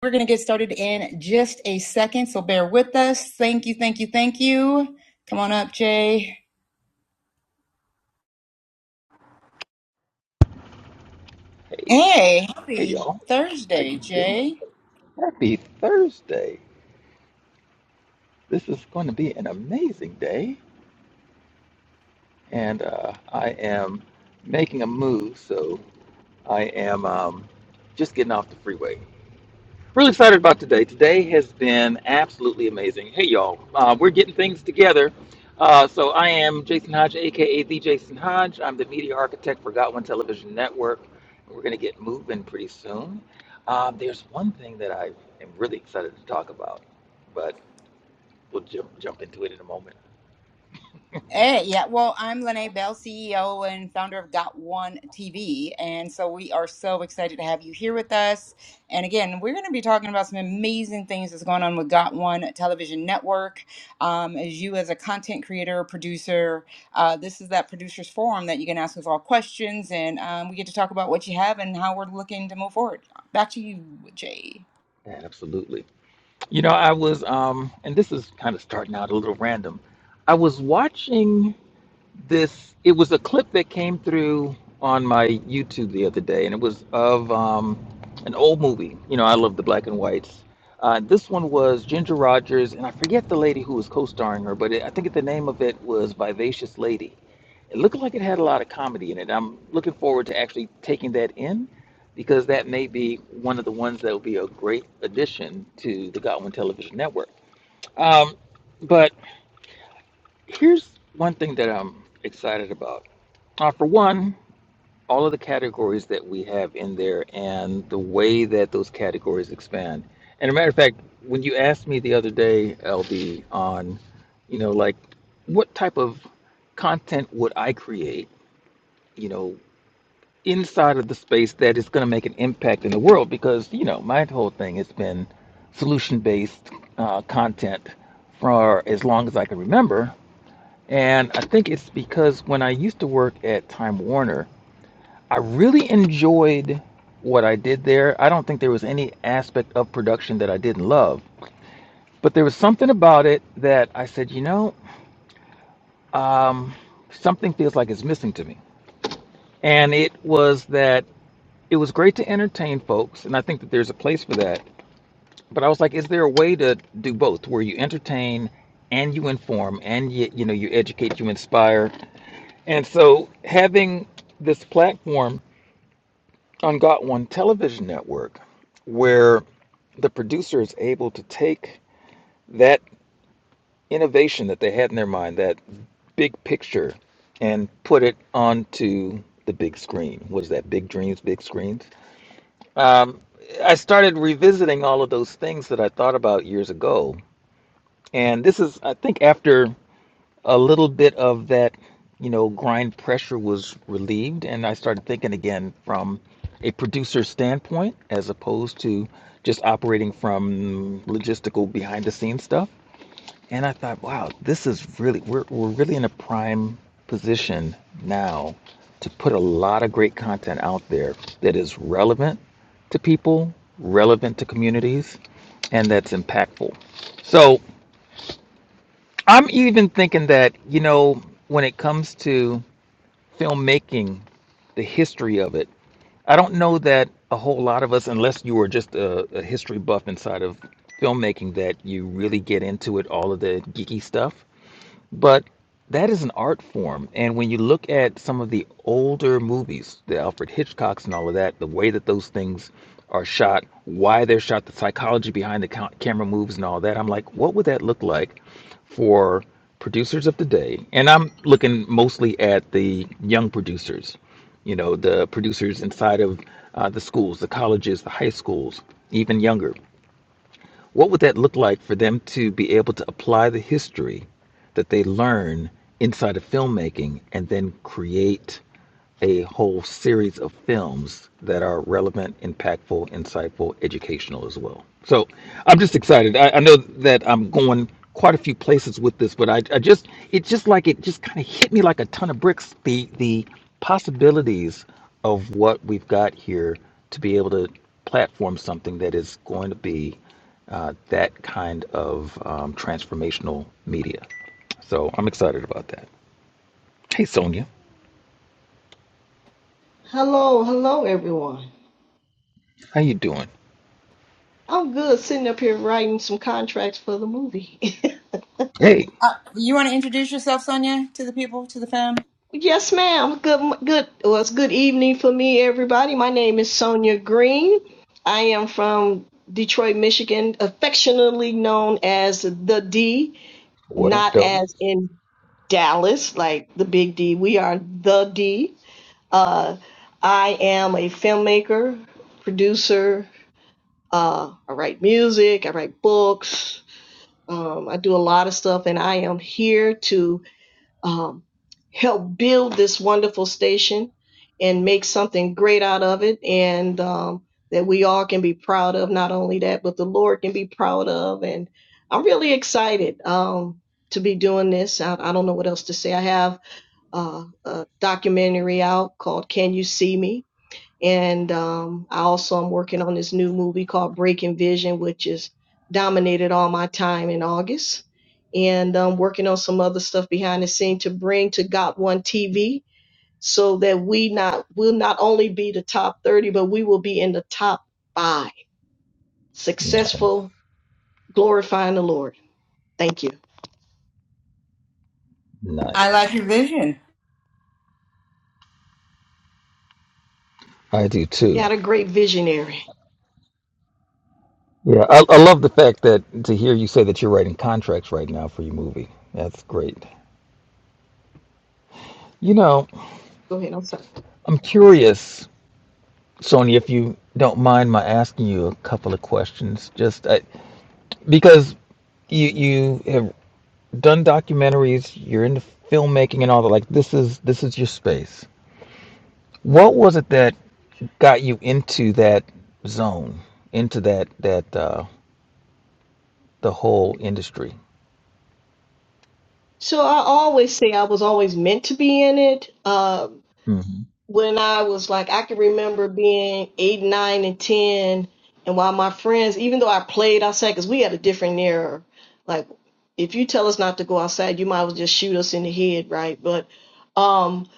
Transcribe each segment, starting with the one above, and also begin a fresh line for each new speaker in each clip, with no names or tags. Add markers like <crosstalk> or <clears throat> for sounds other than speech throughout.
We're going to get started in just a second, so bear with us. Thank you, thank you, thank you. Come on up, Jay.
Hey,
Hey,
hey
happy
y'all, how you
Thursday,
doing?
Jay.
Happy Thursday. This is going to be an amazing day, and uh, I am making a move, so I am um, just getting off the freeway. Really excited about today. Today has been absolutely amazing. Hey, y'all, uh, we're getting things together. Uh, so, I am Jason Hodge, aka The Jason Hodge. I'm the media architect for Got One Television Network. We're going to get moving pretty soon. Um, there's one thing that I am really excited to talk about, but we'll jump, jump into it in a moment.
Hey, yeah. Well, I'm Lene Bell, CEO and founder of Got One TV. And so we are so excited to have you here with us. And again, we're going to be talking about some amazing things that's going on with Got One Television Network. Um, as you, as a content creator, producer, uh, this is that producers forum that you can ask us all questions and um, we get to talk about what you have and how we're looking to move forward. Back to you, Jay.
Yeah, absolutely. You know, I was, um, and this is kind of starting out a little random. I was watching this it was a clip that came through on my YouTube the other day, and it was of um, an old movie. You know, I love the black and whites. Uh, this one was Ginger Rogers, and I forget the lady who was co-starring her, but it, I think the name of it was Vivacious Lady. It looked like it had a lot of comedy in it. I'm looking forward to actually taking that in because that may be one of the ones that will be a great addition to the Godwin Television Network. Um, but here's one thing that I'm excited about uh, for one, all of the categories that we have in there and the way that those categories expand. And a matter of fact, when you asked me the other day, LB, on, you know, like what type of content would I create, you know, inside of the space that is going to make an impact in the world? Because, you know, my whole thing has been solution based uh, content for as long as I can remember. And I think it's because when I used to work at Time Warner, I really enjoyed what I did there. I don't think there was any aspect of production that I didn't love, but there was something about it that I said, you know, um, something feels like it's missing to me. And it was that it was great to entertain folks, and I think that there's a place for that. But I was like, is there a way to do both, where you entertain and you inform, and you, you know, you educate, you inspire. And so having this platform on Got One Television Network, where the producer is able to take that innovation that they had in their mind, that big picture, and put it onto the big screen. What is that? Big dreams, big screens. Um, I started revisiting all of those things that I thought about years ago, and this is, I think, after. a little bit of that, you know, grind pressure was relieved, and I started thinking again from a producer standpoint as opposed to just operating from logistical behind the scenes stuff. And I thought, wow, this is really we're we're really in a prime position now to put a lot of great content out there that is relevant to people, relevant to communities, and that's impactful. So I'm even thinking that, you know, when it comes to filmmaking, the history of it, I don't know that a whole lot of us, unless you were just a, a history buff inside of filmmaking, that you really get into it, all of the geeky stuff. But that is an art form. And when you look at some of the older movies, the Alfred Hitchcocks and all of that, the way that those things are shot, why they're shot, the psychology behind the ca- camera moves and all that, I'm like, what would that look like for producers of today? And I'm looking mostly at the young producers, you know, the producers inside of uh, the schools, the colleges, the high schools, even younger what would that look like for them to be able to apply the history that they learn inside of filmmaking and then create? a whole series of films that are relevant, impactful, insightful, educational as well. So I'm just excited. I, I know that I'm going quite a few places with this, but I, I just it just like it just kind of hit me like a ton of bricks. The the possibilities of what we've got here to be able to platform something that is going to be uh, that kind of um, transformational media. So I'm excited about that. Hey Sonia,
Hello, hello, everyone.
how you doing?
I'm good sitting up here writing some contracts for the movie. <laughs>
Hey.
Uh, you want to introduce yourself, Sonia, to the people, to the fam?
yes, ma'am. Good, good. Well, it's good evening for me, everybody. My name is Sonia Green. I am from Detroit, Michigan, affectionately known as the D,
What up,
not
though?
as in Dallas, like the Big D. We are the D. Uh, I am a filmmaker, producer. Uh, I write music. I write books. Um, I do a lot of stuff, and I am here to um, help build this wonderful station and make something great out of it, and um, that we all can be proud of. Not only that, but the Lord can be proud of. And I'm really excited um, to be doing this. I, I don't know what else to say. I have uh, a documentary out called "Can You See Me." And um, I also am working on this new movie called Breaking Vision, which has dominated all my time in August. And I'm working on some other stuff behind the scene to bring to Got One TV so that we not will not only be the top 30, but we will be in the top five.
Nice.
Successful, glorifying the Lord. Thank you.
I like
Nice.
your vision.
I do too.
Got a great visionary.
Yeah, I, I love the fact that to hear you say that you're writing contracts right now for your movie. That's great. You know,
Go ahead, I'm sorry.
I'm curious, Sony, if you don't mind my asking you a couple of questions, just I, because you you have done documentaries, you're into filmmaking and all that. Like this is this is your space. What was it that got you into that zone, into that that uh, the whole industry?
So I always say I was always meant to be in it. Uh,
Mhm.
when I was like, I can remember being eight, nine, and 10. And while my friends, even though I played outside, because we had a different era, like, if you tell us not to go outside, you might as well just shoot us in the head, right? But, um,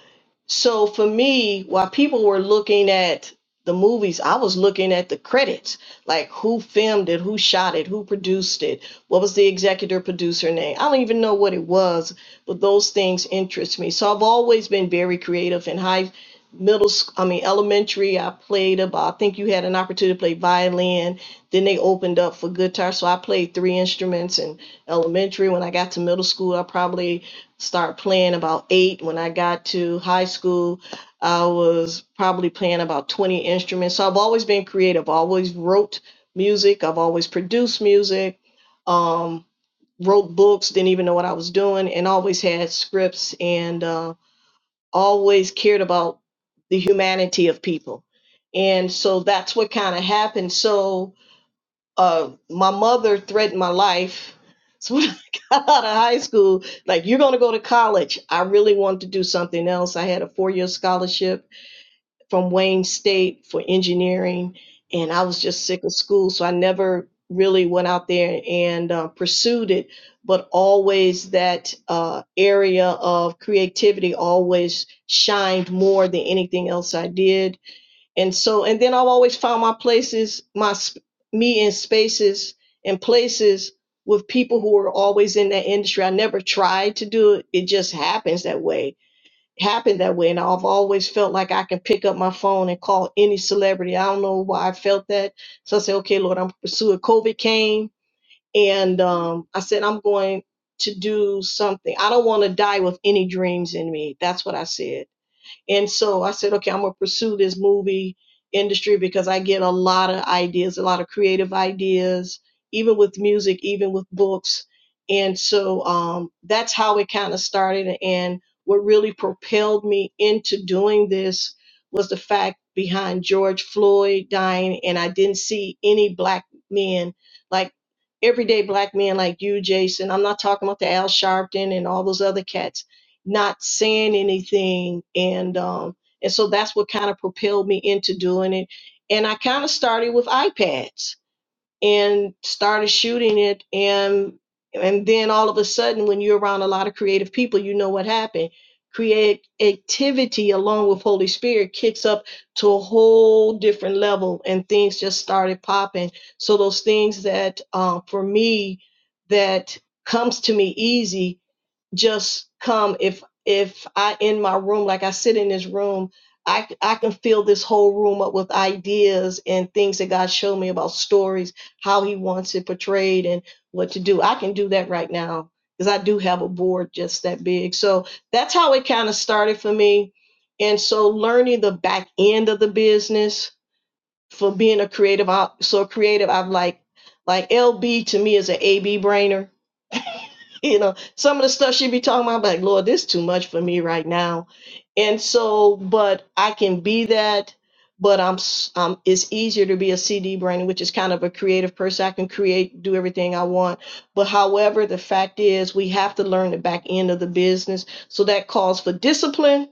so for me, while people were looking at the movies, I was looking at the credits, like who filmed it, who shot it, who produced it, what was the executive producer name. I don't even know what it was, but those things interest me. So I've always been very creative and high middle sch- i mean elementary i played about i think you had an opportunity to play violin then they opened up for guitar so i played three instruments in elementary when i got to middle school i probably started playing about eight when i got to high school i was probably playing about 20 instruments so i've always been creative I always wrote music i've always produced music um, wrote books didn't even know what i was doing and always had scripts and um, always cared about the humanity of people. And so that's what kind of happened. So uh, my mother threatened my life. So when <laughs> I got out of high school, like, you're going to go to college. I really wanted to do something else. I had a four year scholarship from Wayne State for engineering, and I was just sick of school, so I never really went out there and uh, pursued it. But always that uh, area of creativity always shined more than anything else I did, and so and then I've always found my places, my sp- me in spaces and places with people who are always in that industry. I never tried to do it; it just happens that way happened that way. And I've always felt like I can pick up my phone and call any celebrity. I don't know why I felt that. So I said, okay, Lord, I'm pursuing. COVID came and um, I said, I'm going to do something. I don't want to die with any dreams in me. That's what I said. And so I said, okay, I'm going to pursue this movie industry because I get a lot of ideas, a lot of creative ideas, even with music, even with books. And so um, that's how it kind of started. And what really propelled me into doing this was the fact behind George Floyd dying, and I didn't see any black men like everyday black men like you, Jason. I'm not talking about the Al Sharpton and all those other cats not saying anything and um and so that's what kind of propelled me into doing it and i kind of started with ipads and started shooting it and and then all of a sudden when you're around a lot of creative people you know what happened creativity along with holy spirit kicks up to a whole different level and things just started popping so those things that uh, for me that comes to me easy just come if if i in my room like i sit in this room I I can fill this whole room up with ideas and things that god showed me about stories how he wants it portrayed and what to do i can do that right now because i do have a board just that big so that's how it kind of started for me and so learning the back end of the business for being a creative so creative i'm like like lb to me is an ab brainer <laughs> you know, some of the stuff she be talking about, I'm like, Lord, this too much for me right now. And so, but I can be that, but I'm, s- um, it's easier to be a CD brain, which is kind of a creative person. I can create, do everything I want. But however, the fact is we have to learn the back end of the business. So that calls for discipline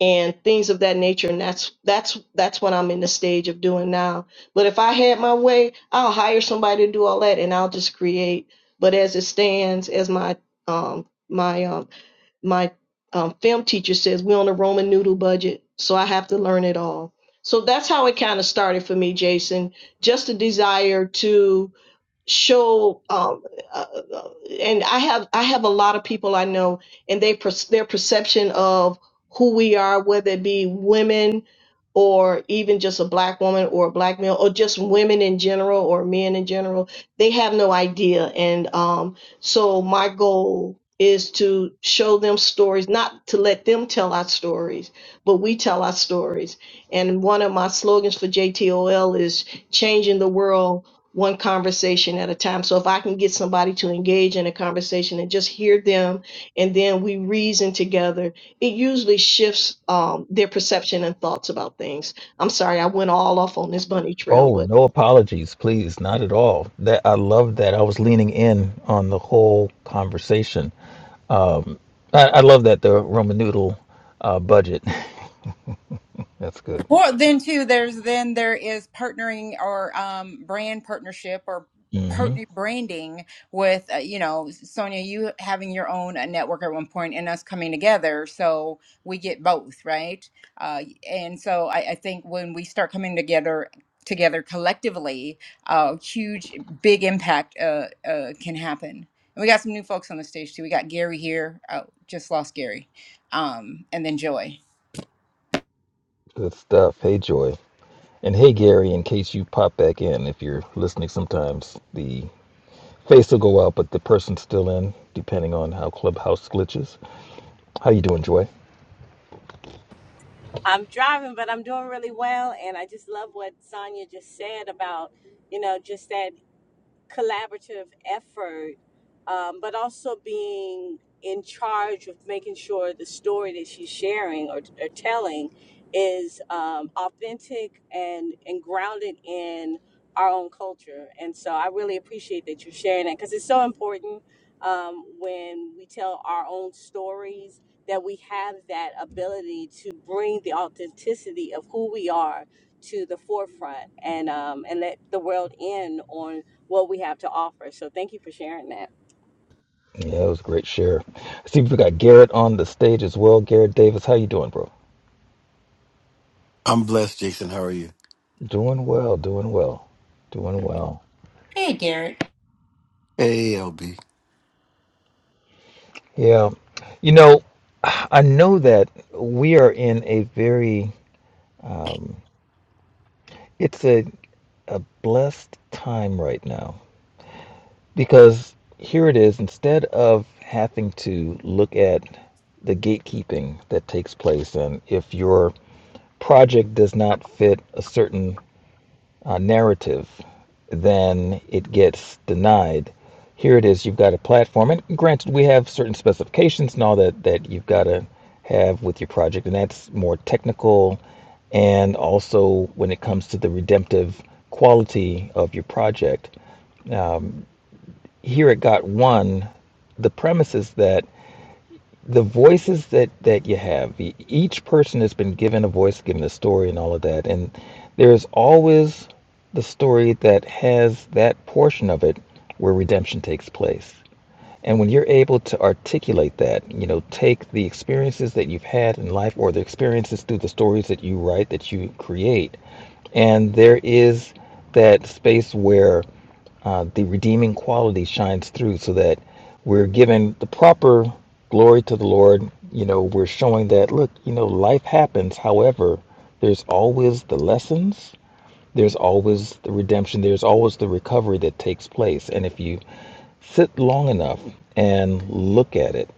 and things of that nature and that's that's that's what i'm in the stage of doing now but if i had my way i'll hire somebody to do all that and i'll just create but as it stands as my um my um my um, film teacher says we're on a roman noodle budget so i have to learn it all so that's how it kind of started for me jason just a desire to show um uh, uh, and i have i have a lot of people i know and they per- their perception of who we are whether it be women or even just a black woman or a black male or just women in general or men in general they have no idea and um so my goal is to show them stories not to let them tell our stories but we tell our stories and one of my slogans for JTOL is changing the world one conversation at a time. So if I can get somebody to engage in a conversation and just hear them, and then we reason together, it usually shifts um, their perception and thoughts about things. I'm sorry, I went all off on this bunny trail,
Oh,
but
no apologies, please, not at all. That I love that. I was leaning in on the whole conversation. Um, I, I love that the Roman noodle uh, budget. <laughs> That's good.
Well, then too, there's then there is partnering or um, brand partnership or
hmm
partner branding with uh, you know Sonia, you having your own uh, network at one point and us coming together, so we get both right. Uh, and so I, I think when we start coming together together collectively, a uh, huge big impact uh, uh, can happen. And we got some new folks on the stage too. We got Gary here. Oh, just lost Gary, um, and then Joy.
Good stuff. Hey, Joy, and hey, Gary. In case you pop back in, if you're listening, sometimes the face will go out, but the person's still in, depending on how Clubhouse glitches. How you doing, Joy?
I'm driving, but I'm doing really well. And I just love what Sonya just said about, you know, just that collaborative effort, um, but also being in charge of making sure the story that she's sharing or, or telling is um, authentic and, and grounded in our own culture. And so I really appreciate that you're sharing that because it's so important um, when we tell our own stories that we have that ability to bring the authenticity of who we are to the forefront and um, and let the world in on what we have to offer. So thank you for sharing that.
Yeah, it was a great share. I see we got Garrett on the stage as well. Garrett Davis, how you doing, bro?
I'm blessed, Jason. How are you?
Doing well, doing well, doing well.
Hey, Garrett.
Hey, LB.
Yeah. You know, I know that we are in a very, it's a, a blessed time right now because here it is, instead of having to look at the gatekeeping that takes place, and if your project does not fit a certain uh, narrative, then it gets denied. Here it is, you've got a platform, and granted, we have certain specifications and all that that you've got to have with your project, and that's more technical. And also, when it comes to the redemptive quality of your project, here it got one. The premise is that the voices that that you have e- each person has been given a voice given a story and all of that and there's always the story that has that portion of it where redemption takes place and when you're able to articulate that, you know, take the experiences that you've had in life or the experiences through the stories that you write, that you create, and there is that space where uh, the redeeming quality shines through so that we're given the proper glory to the Lord. You know, we're showing that, look, you know, life happens. However, there's always the lessons there's always the redemption, there's always the recovery that takes place. And if you sit long enough and look at it,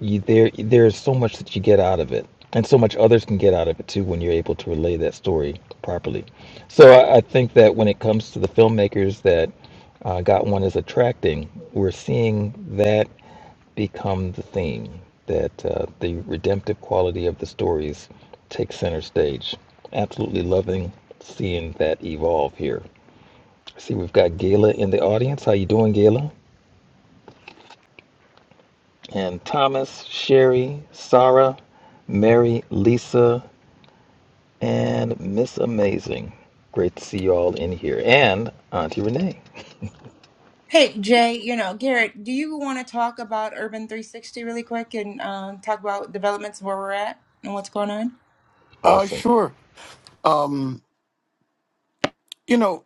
you, there there is so much that you get out of it and so much others can get out of it too when you're able to relay that story properly so i, I think that when it comes to the filmmakers that uh, got one is attracting we're seeing that become the theme that uh, the redemptive quality of the stories takes center stage absolutely loving seeing that evolve here see we've got gayla in the audience how you doing gayla and Thomas, Sherry, Sarah, Mary, Lisa, and Miss Amazing. Great to see you all in here. And Auntie Renee.
Hey Jay, you know Garrett, do you want to talk about Urban 360 really quick and um, talk about developments where we're at and what's going on?
Uh
Awesome.
sure. Um, you know,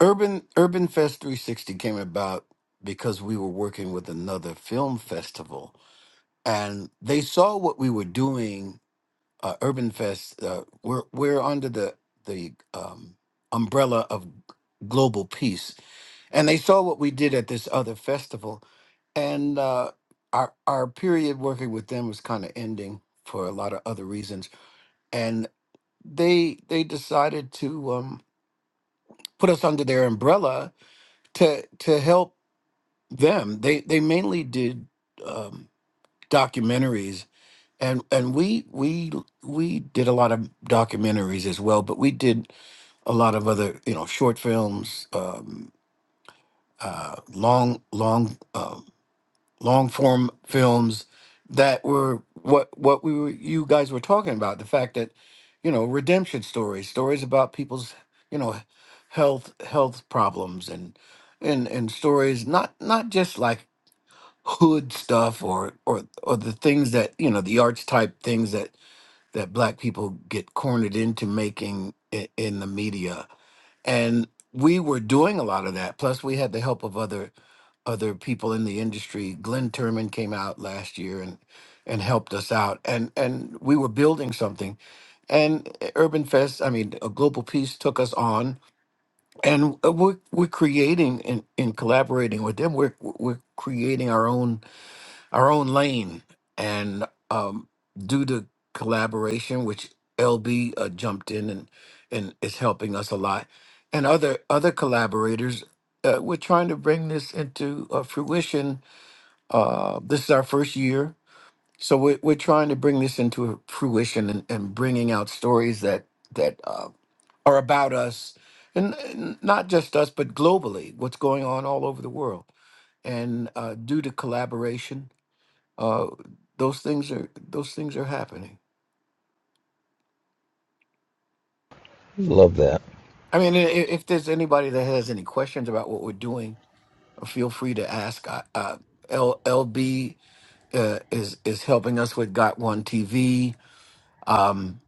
Urban Urban Fest 360 came about because we were working with another film festival, and they saw what we were doing. Uh, Urban Fest. Uh, we're we're under the the um, umbrella of global peace, and they saw what we did at this other festival, and uh, our our period working with them was kind of ending for a lot of other reasons. they they decided to um, put us under their umbrella to to help them. They they mainly did um, documentaries, and and we we we did a lot of documentaries as well, but we did a lot of other you know short films, um, uh, long long. Uh, long form films that were what what we were you guys were talking about the fact that you know redemption stories stories about people's you know health health problems and and and stories not not just like hood stuff or or or the things that you know the archetype things that that black people get cornered into making in, in the media and we were doing a lot of that plus we had the help of other other people in the industry. Glenn Turman came out last year and and helped us out, and and we were building something. And eh, Urban Fest, I mean, a Global Peace took us on, and eh, we're we're creating and in collaborating with them. We're we're creating our own our own lane. And um, due to collaboration, which LB uh, jumped in and and is helping us a lot, and other other collaborators, uh, we're trying to bring this into uh, fruition. Uh, this is our first year, so we're, we're trying to bring this into fruition and, and bringing out stories that that uh, are about us. And and not just us, but globally, what's going on all over the world and uh, due to collaboration uh, those things are those things are happening.
Love that.
I mean, i- i- if there's anybody that has any questions about what we're doing, uh, feel free to ask. I, uh, L, LB uh, is is helping us with Got One TV. Um,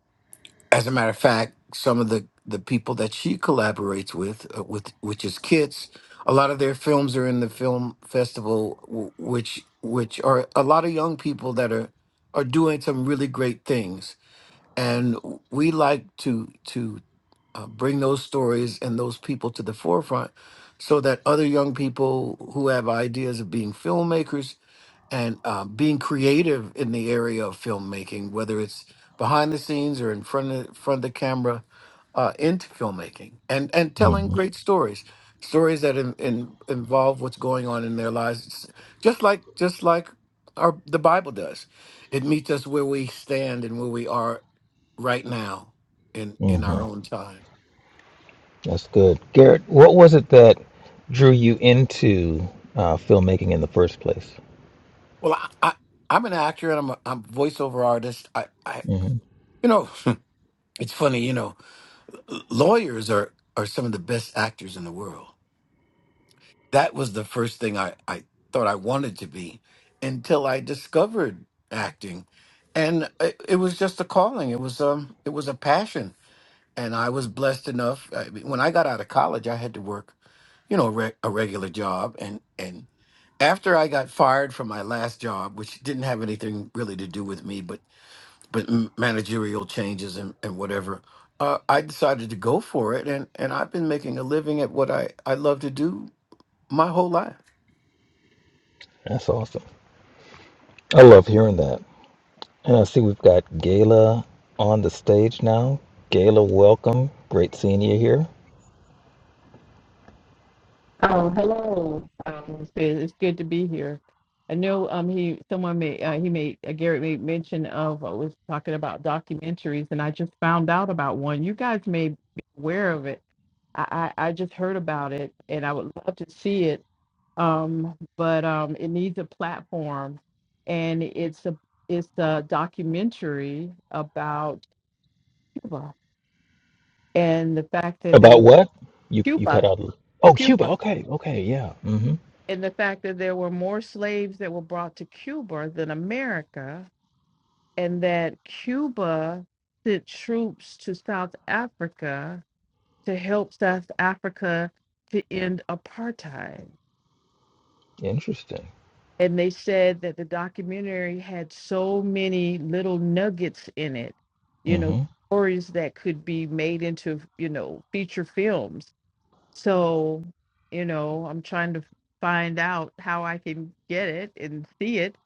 as a matter of fact, some of the the people that she collaborates with, uh, with which is Kits, a lot of their films are in the film festival, w- which which are a lot of young people that are are doing some really great things and we like to to uh, bring those stories and those people to the forefront so that other young people who have ideas of being filmmakers and uh, being creative in the area of filmmaking, whether it's behind the scenes or in front of, front of the camera, uh, into filmmaking and, and telling
hmm
great stories, stories that in, in, involve what's going on in their lives, It's just like just like our the Bible does. It meets us where we stand and where we are right now in in
hmm
our own time.
That's good. Garrett, what was it that drew you into uh, filmmaking in the first place?
Well, I, I I'm an actor and I'm a, I'm a voiceover artist. I, I
hmm
you know <laughs> it's funny. You know, l- lawyers are are some of the best actors in the world. That was the first thing I I thought I wanted to be until I discovered acting, and it, it was just a calling. It was um it was a passion, and I was blessed enough. I mean, when I got out of college, I had to work, you know, a, re- a regular job, and and after I got fired from my last job, which didn't have anything really to do with me, but but m- managerial changes and, and whatever, uh, I decided to go for it, and and I've been making a living at what I I love to do my whole life.
That's awesome. I love hearing that. And I see we've got Gayla on the stage now. Gayla, welcome. Great seeing you here.
Oh, hello. Um, it's good, it's good to be here. I know um he someone made uh, he made uh, Garrett made mention of uh, was talking about documentaries, and I just found out about one. You guys may be aware of it. I I, I just heard about it, and I would love to see it. Um, but um, it needs a platform, and it's a it's a documentary about Cuba and the fact that there
About
was
what? You you cut
Cuba,
out. a- Oh, Cuba.
Cuba.
Okay. Okay. Yeah. Mm-hmm.
and the fact that there were more slaves that were brought to Cuba than America, and that Cuba sent troops to South Africa to help South Africa to end apartheid.
Interesting.
And they said that the documentary had so many little nuggets in it, you know,
Mm-hmm.
stories that could be made into, you know, feature films So, you know, I'm trying to find out how I can get it and see it.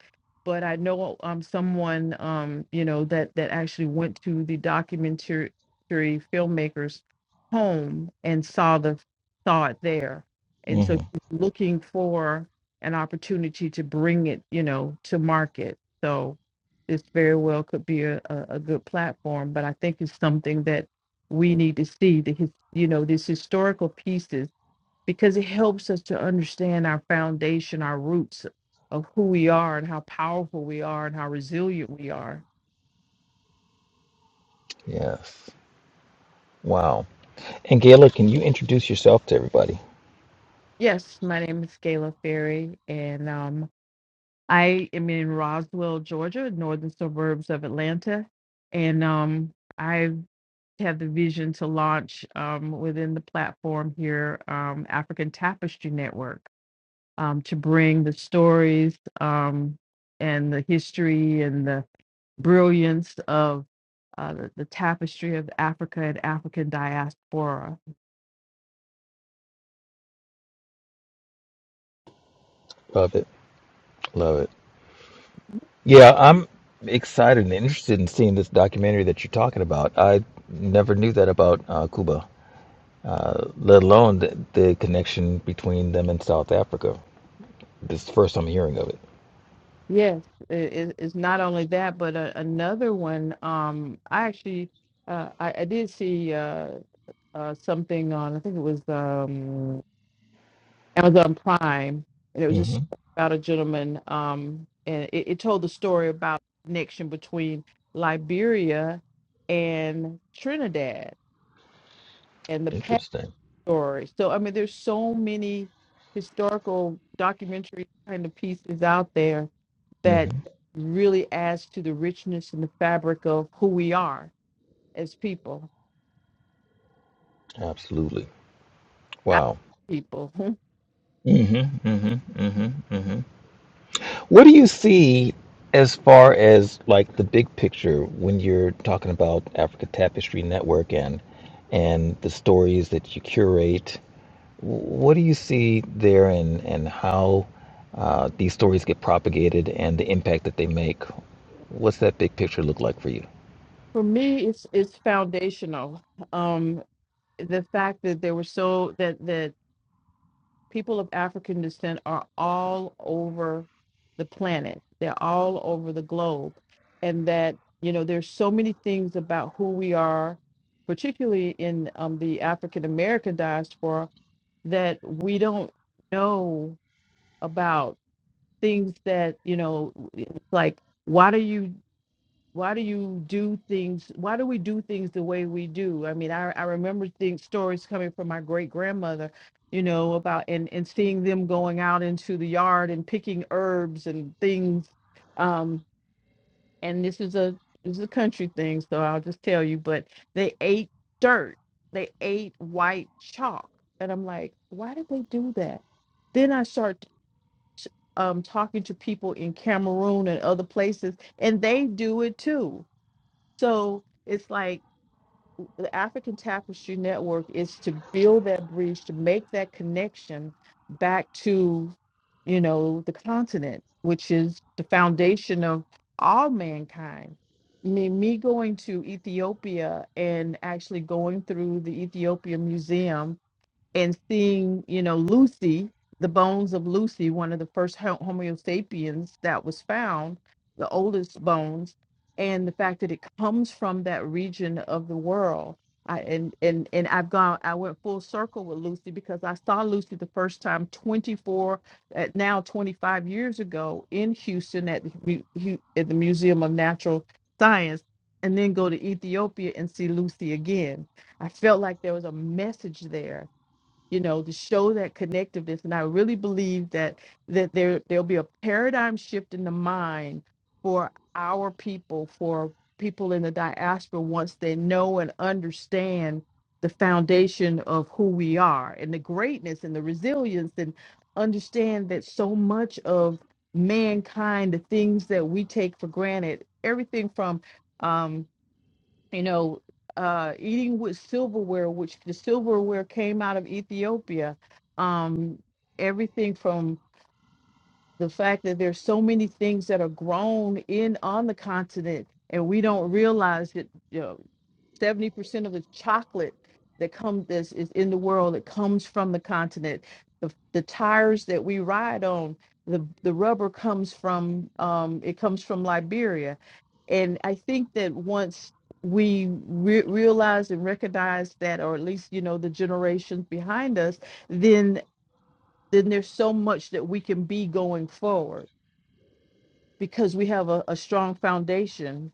But I know um someone um, you know, that that actually went to the documentary filmmaker's home and saw the saw it there. And so
Mm-hmm.
she's looking for an opportunity to bring it, you know, to market. So this very well could be a, a, a good platform, but I think it's something that we need to see the his- you know these historical pieces because it helps us to understand our foundation our roots of who we are and how powerful we are and how resilient we are
Yes. Wow. And Gayla, can you introduce yourself to everybody?
yes my name is Gayla Ferry and um I am in Roswell Georgia northern suburbs of Atlanta and um I have the vision to launch um within the platform here um African Tapestry Network um, to bring the stories um, and the history and the brilliance of uh, the, the tapestry of Africa and African diaspora.
Love it. Love it. Yeah, I'm excited and interested in seeing this documentary that you're talking about. I never knew that about uh, Cuba, uh, let alone the, the connection between them and South Africa. This is the first I'm hearing of it.
Yes, it, it- it's not only that, but a, another one. Um, I actually, uh, I, I did see. Uh, uh, something on, I think it was um, Amazon Prime, and it was
hmm
just about a gentleman, um, and it, it told the story about the connection between Liberia and Trinidad and the past
Interesting.
story. So, I mean, there's so many historical documentary kind of pieces out there
hmm
that really adds to the richness and the fabric of who we are as people,
Absolutely.
as
Wow.
people. <laughs>
hmm hmm hmm hmm What do you see as far as like the big picture when you're talking about Africa Tapestry Network and and the stories that you curate? What do you see there, and and how uh, these stories get propagated and the impact that they make? What's that big picture look like for you?
For me, it's it's foundational. Um, the fact that there were so that that people of African descent are all over the planet. They're all over the globe, and that you know there's so many things about who we are, particularly in um, the African American diaspora, that we don't know about things that you know. It's like why do you? why do you do things why do we do things the way we do i mean i, I remember things stories coming from my great grandmother you know about and and seeing them going out into the yard and picking herbs and things um and this is a this is a country thing so i'll just tell you but they ate dirt they ate white chalk and i'm like why did they do that then i start t- um talking to people in cameroon and other places and they do it too so it's like the African Tapestry Network is to build that bridge, to make that connection back to, you know, the continent, which is the foundation of all mankind. I mean, me going to Ethiopia and actually going through the Ethiopia Museum and seeing, you know, Lucy, the bones of Lucy, one of the first Ho- Homo sapiens that was found, the oldest bones, and the fact that it comes from that region of the world. I, and and and I've gone. I went full circle with Lucy because I saw Lucy the first time 24, at now 25 years ago in Houston at the, Mu- Hu- at the Museum of Natural Science, and then go to Ethiopia and see Lucy again. I felt like there was a message there you know to show that connectiveness and i really believe that that there there'll be a paradigm shift in the mind for our people for people in the diaspora once they know and understand the foundation of who we are and the greatness and the resilience and understand that so much of mankind the things that we take for granted everything from um, you know, uh, eating with silverware, which the silverware came out of Ethiopia. Um, everything from the fact that there's so many things that are grown in on the continent, and we don't realize it. Seventy percent of the chocolate that comes this is in the world that comes from the continent. The the tires that we ride on, the the rubber comes from um it comes from Liberia, and I think that once we re- realize and recognize that, or at least you know the generations behind us, then then there's so much that we can be going forward because we have a, a strong foundation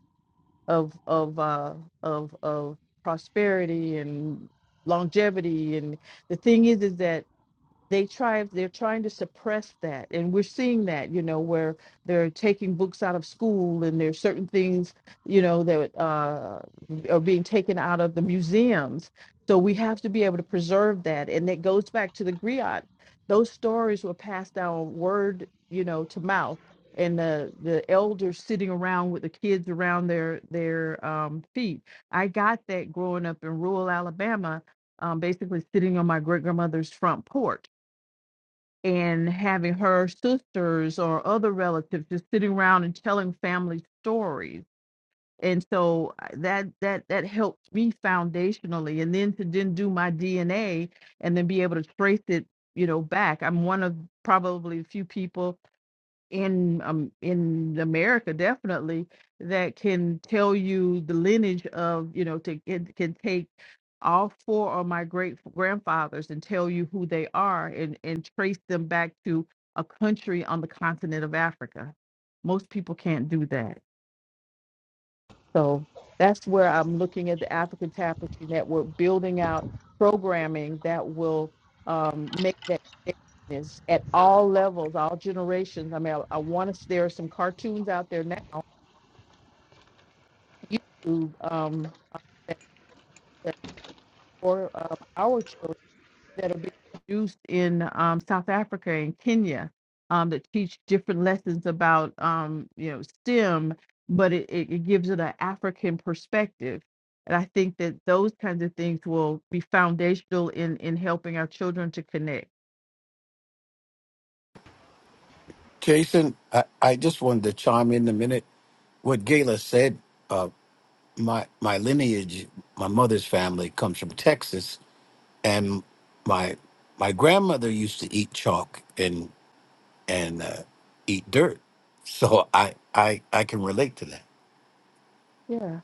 of of uh of of prosperity and longevity and the thing is is that they try they're trying to suppress that and we're seeing that you know where they're taking books out of school and there's certain things you know that uh, are being taken out of the museums so we have to be able to preserve that and it goes back to the griot those stories were passed down word you know to mouth and the the elders sitting around with the kids around their their um, feet i got that growing up in rural alabama um, basically sitting on my great grandmother's front porch and having her sisters or other relatives just sitting around and telling family stories and so I- that that that helped me foundationally and then to then do my dna and then be able to trace it you know back i'm one of probably a few people in um in America definitely that can tell you the lineage of you know to it can take all four of my great grandfathers and tell you who they are and and trace them back to a country on the continent of Africa. Most people can't do that. So that's where I'm looking at the African Tapestry Network, building out programming that will um, make that connectedness at all levels, all generations. I mean, I, I want to. There are some cartoons out there now, YouTube, um, that, that for um, our children. that are being produced in um, South Africa and Kenya um, that teach different lessons about um, you know STEM, but it, it it gives it an African perspective. And I think that those kinds of things will be foundational in in helping our children to connect.
Jason, I, I just wanted to chime in a minute. What Gayla said, uh, my my lineage, my mother's family comes from Texas, and my my grandmother used to eat chalk and and uh, eat dirt, so I I I can relate to that.
Yeah.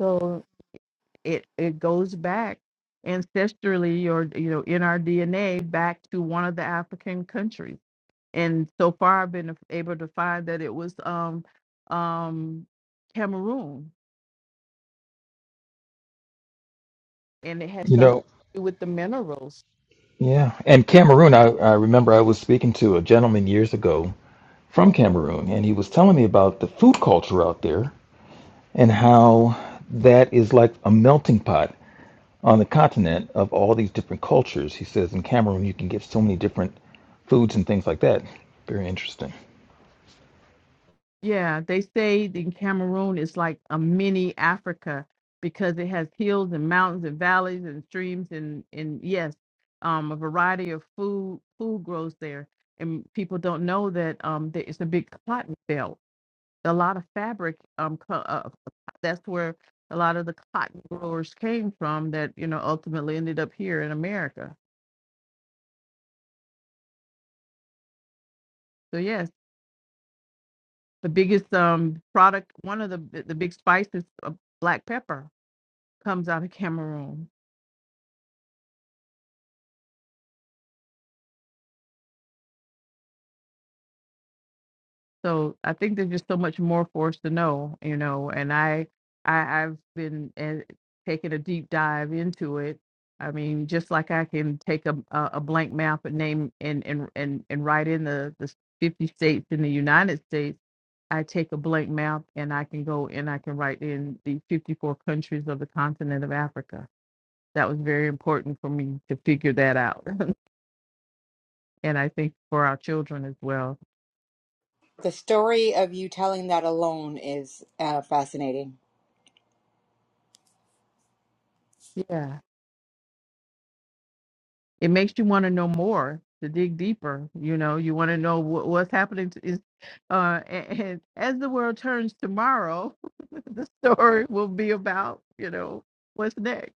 So it it goes back ancestrally or you know in our DNA back to one of the African countries. and so far I've been able to find that it was um um Cameroon and it has
You
something
know,
to do with the minerals.
Yeah, and Cameroon, I, I remember I was speaking to a gentleman years ago from Cameroon, and he was telling me about the food culture out there. and how that is like a melting pot on the continent of all these different cultures. He says in Cameroon, you can get so many different foods and things like that. Very interesting.
Yeah, they say in Cameroon is like a mini Africa because it has hills and mountains and valleys and streams and and yes, um a variety of food food grows there and people don't know that um that it's a big cotton belt a lot of fabric um co- uh, that's where a lot of the cotton growers came from that you know ultimately ended up here in America. So yes, the biggest um product, one of the the big spices, uh, black pepper, comes out of Cameroon. So I think there's just so much more for us to know, you know. And I, I I've been eh, taking a deep dive into it. I mean, just like I can take a a, a blank map and name and and and and write in the the 50 states in the United States. I take a blank map and I can go and I can write in the 54 countries of the continent of Africa. That was very important for me to figure that out. <laughs> and I think for our children as well.
The story of you telling that alone is uh, fascinating.
Yeah. it makes you want to know more to dig deeper you know you want to know what, what's happening to is uh and, and as the world turns tomorrow <laughs> the story will be about you know what's next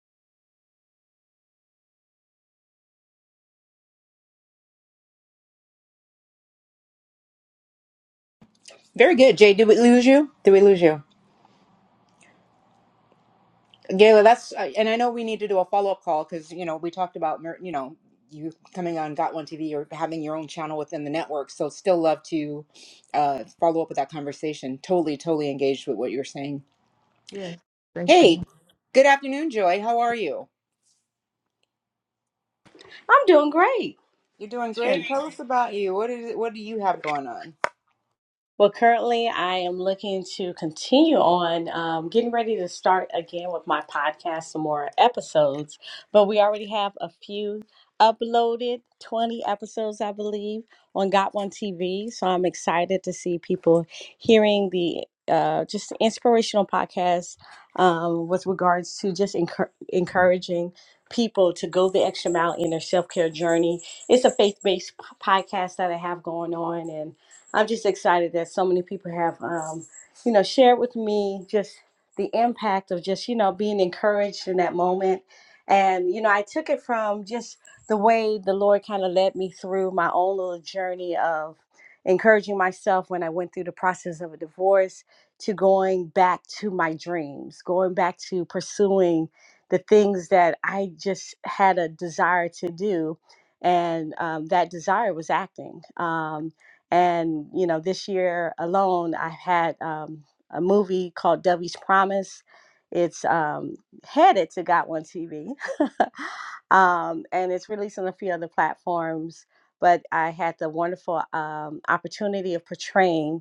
Very good, Jay. Did we lose you? Did we lose you? Gayla, that's, uh, and I know we need to do a follow up call because, you know, we talked about, mer- you know, you coming on Got One TV or having your own channel within the network. So, still love to uh, follow up with that conversation. Totally, totally engaged with what you're saying.
yes thank you
Hey, good afternoon, Joy. How are you?
I'm doing great.
You're doing
It's you
great. Tell us about you. What is it? What do you have going on?
Well, currently, I am looking to continue on um, getting ready to start again with my podcast, some more episodes. But we already have a few uploaded 20 episodes, I believe, on Got One TV. So I'm excited to see people hearing the uh, just inspirational podcast um, with regards to just encour- encouraging people to go the extra mile in their self care journey. It's a faith based podcast that I have going on. And I'm just excited that so many people have, um, you know, shared with me just the impact of just, you know, being encouraged in that moment. And, you know, I took it from just the way the Lord kind of led me through my own little journey of encouraging myself when I went through the process of a divorce to going back to my dreams, going back to pursuing the things that I just had a desire to do. And um, that desire was acting. Um, and you know, this year alone, I had um, a movie called Debbie's Promise. It's um, headed to Got One TV, <laughs> um, and it's released on a few other platforms. But I had the wonderful um, opportunity of portraying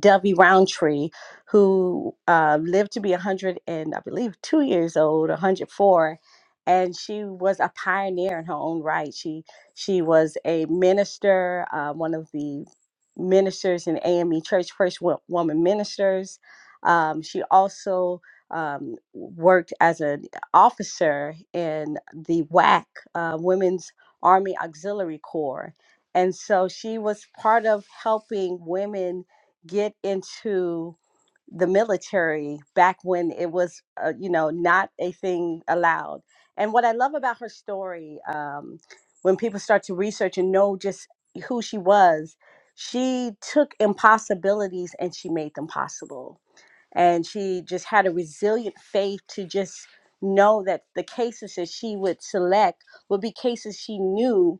Dovey Roundtree, who uh, lived to be 100 and I believe two years old, 104, and she was a pioneer in her own right. She she was a minister, uh, one of the ministers in AME Church, first wo- woman ministers. Um, she also um, worked as an officer in the WAC, uh, Women's Army Auxiliary Corps. And so she was part of helping women get into the military back when it was, uh, you know, not a thing allowed. And what I love about her story, um, when people start to research and know just who she was, she took impossibilities and she made them possible. And she just had a resilient faith to just know that the cases that she would select would be cases she knew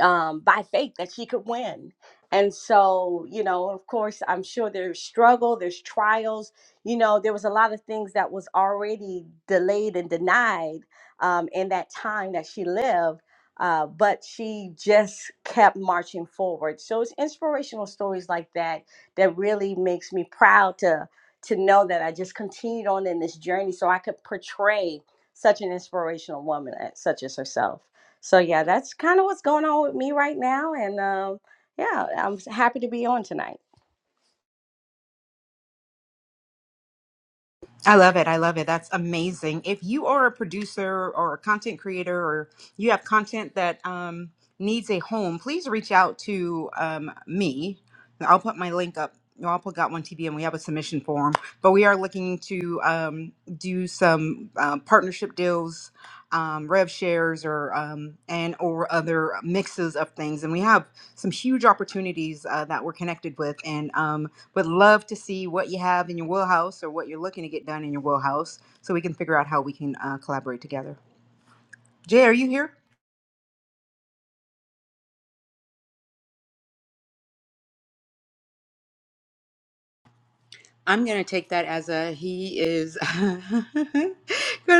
um, by faith that she could win. And so, you know, of course, I'm sure there's struggle, there's trials. You know, there was a lot of things that was already delayed and denied um, in that time that she lived. Uh, but she just kept marching forward. So it's inspirational stories like that that really makes me proud to to know that I just continued on in this journey, so I could portray such an inspirational woman as such as herself. So yeah, that's kind of what's going on with me right now, and um, yeah, I'm happy to be on tonight.
I love it. I love it. That's amazing. If you are a producer or a content creator or you have content that um, needs a home, please reach out to um, me. I'll put my link up. I'll put Got One TV and we have a submission form. But we are looking to um, do some um partnership deals, um, rev shares, or um, and or other mixes of things. And we have some huge opportunities uh, that we're connected with and um, would love to see what you have in your wheelhouse or what you're looking to get done in your wheelhouse so we can figure out how we can uh, collaborate together jay are you here i'm going to take that as a he is <laughs> going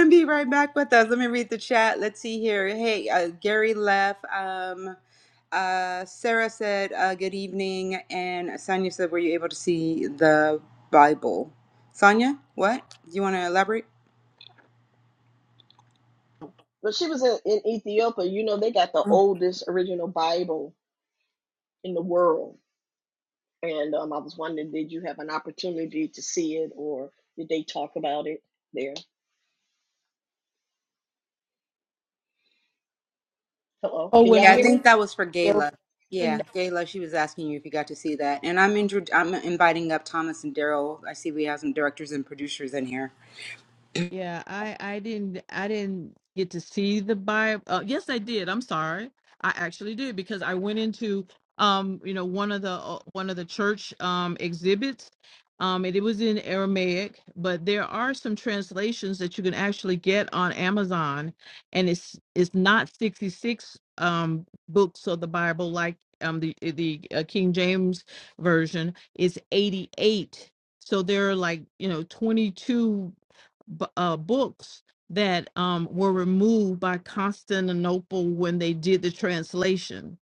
to be right back with us let me read the chat let's see here hey uh, gary left um, uh, sarah said uh, good evening and sonia said were you able to see the bible sonia what do you want to elaborate
But she was in, in Ethiopia. You know, they got the oldest original Bible in the world. And um, I was wondering, did you have an opportunity to see it or did they talk about it there? Hello,
Oh,
can
when
Yeah,
y'all
I
I
hear
went
think
me?
that was for Gayla. Yeah, Gayla, she was asking you if you got to see that. And I'm intro- I'm inviting up Thomas and Daryl. I see we have some directors and producers in here.
Yeah, I I didn't I didn't get to see the Bible. Uh, yes, I did. I'm sorry. I actually did because I went into um you know one of the uh, one of the church um exhibits um and it was in Aramaic, but there are some translations that you can actually get on Amazon and it's it's not 66 um books of the Bible like um the the uh, King James version. It's 88. So there are like, you know, 22 b- uh, books that um, were removed by Constantinople when they did the translation,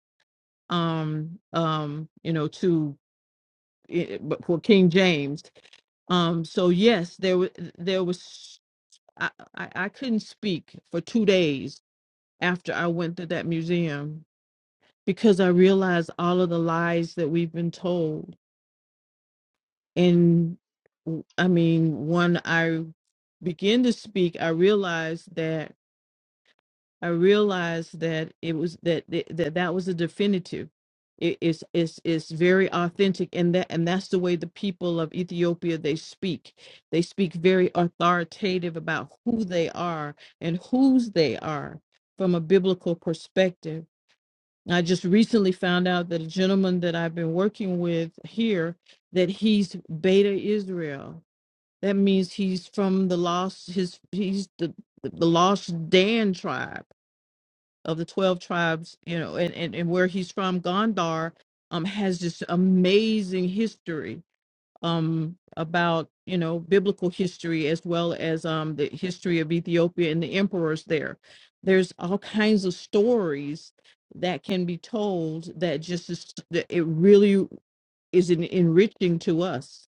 um, um, you know, to eh, but for King James. Um, so yes, there was there was I, I, I couldn't speak for two days after I went to that museum because I realized all of the lies that we've been told. And w- I mean, when I began to speak, I realized that I realized that it was that that that, was a definitive. It- it's it's it's very authentic, and that and that's the way the people of Ethiopia they speak. They speak very authoritative about who they are and whose they are from a biblical perspective. And I just recently found out that a gentleman that I've been working with here that he's Beta Israel. That means he's from the lost his he's the the lost Dan tribe of the 12 tribes, you know, and, and, and where he's from, Gondar, um, has this amazing history um, about, you know, biblical history as well as um, the history of Ethiopia and the emperors there. There's all kinds of stories that can be told that just is, that it really is en- enriching to us.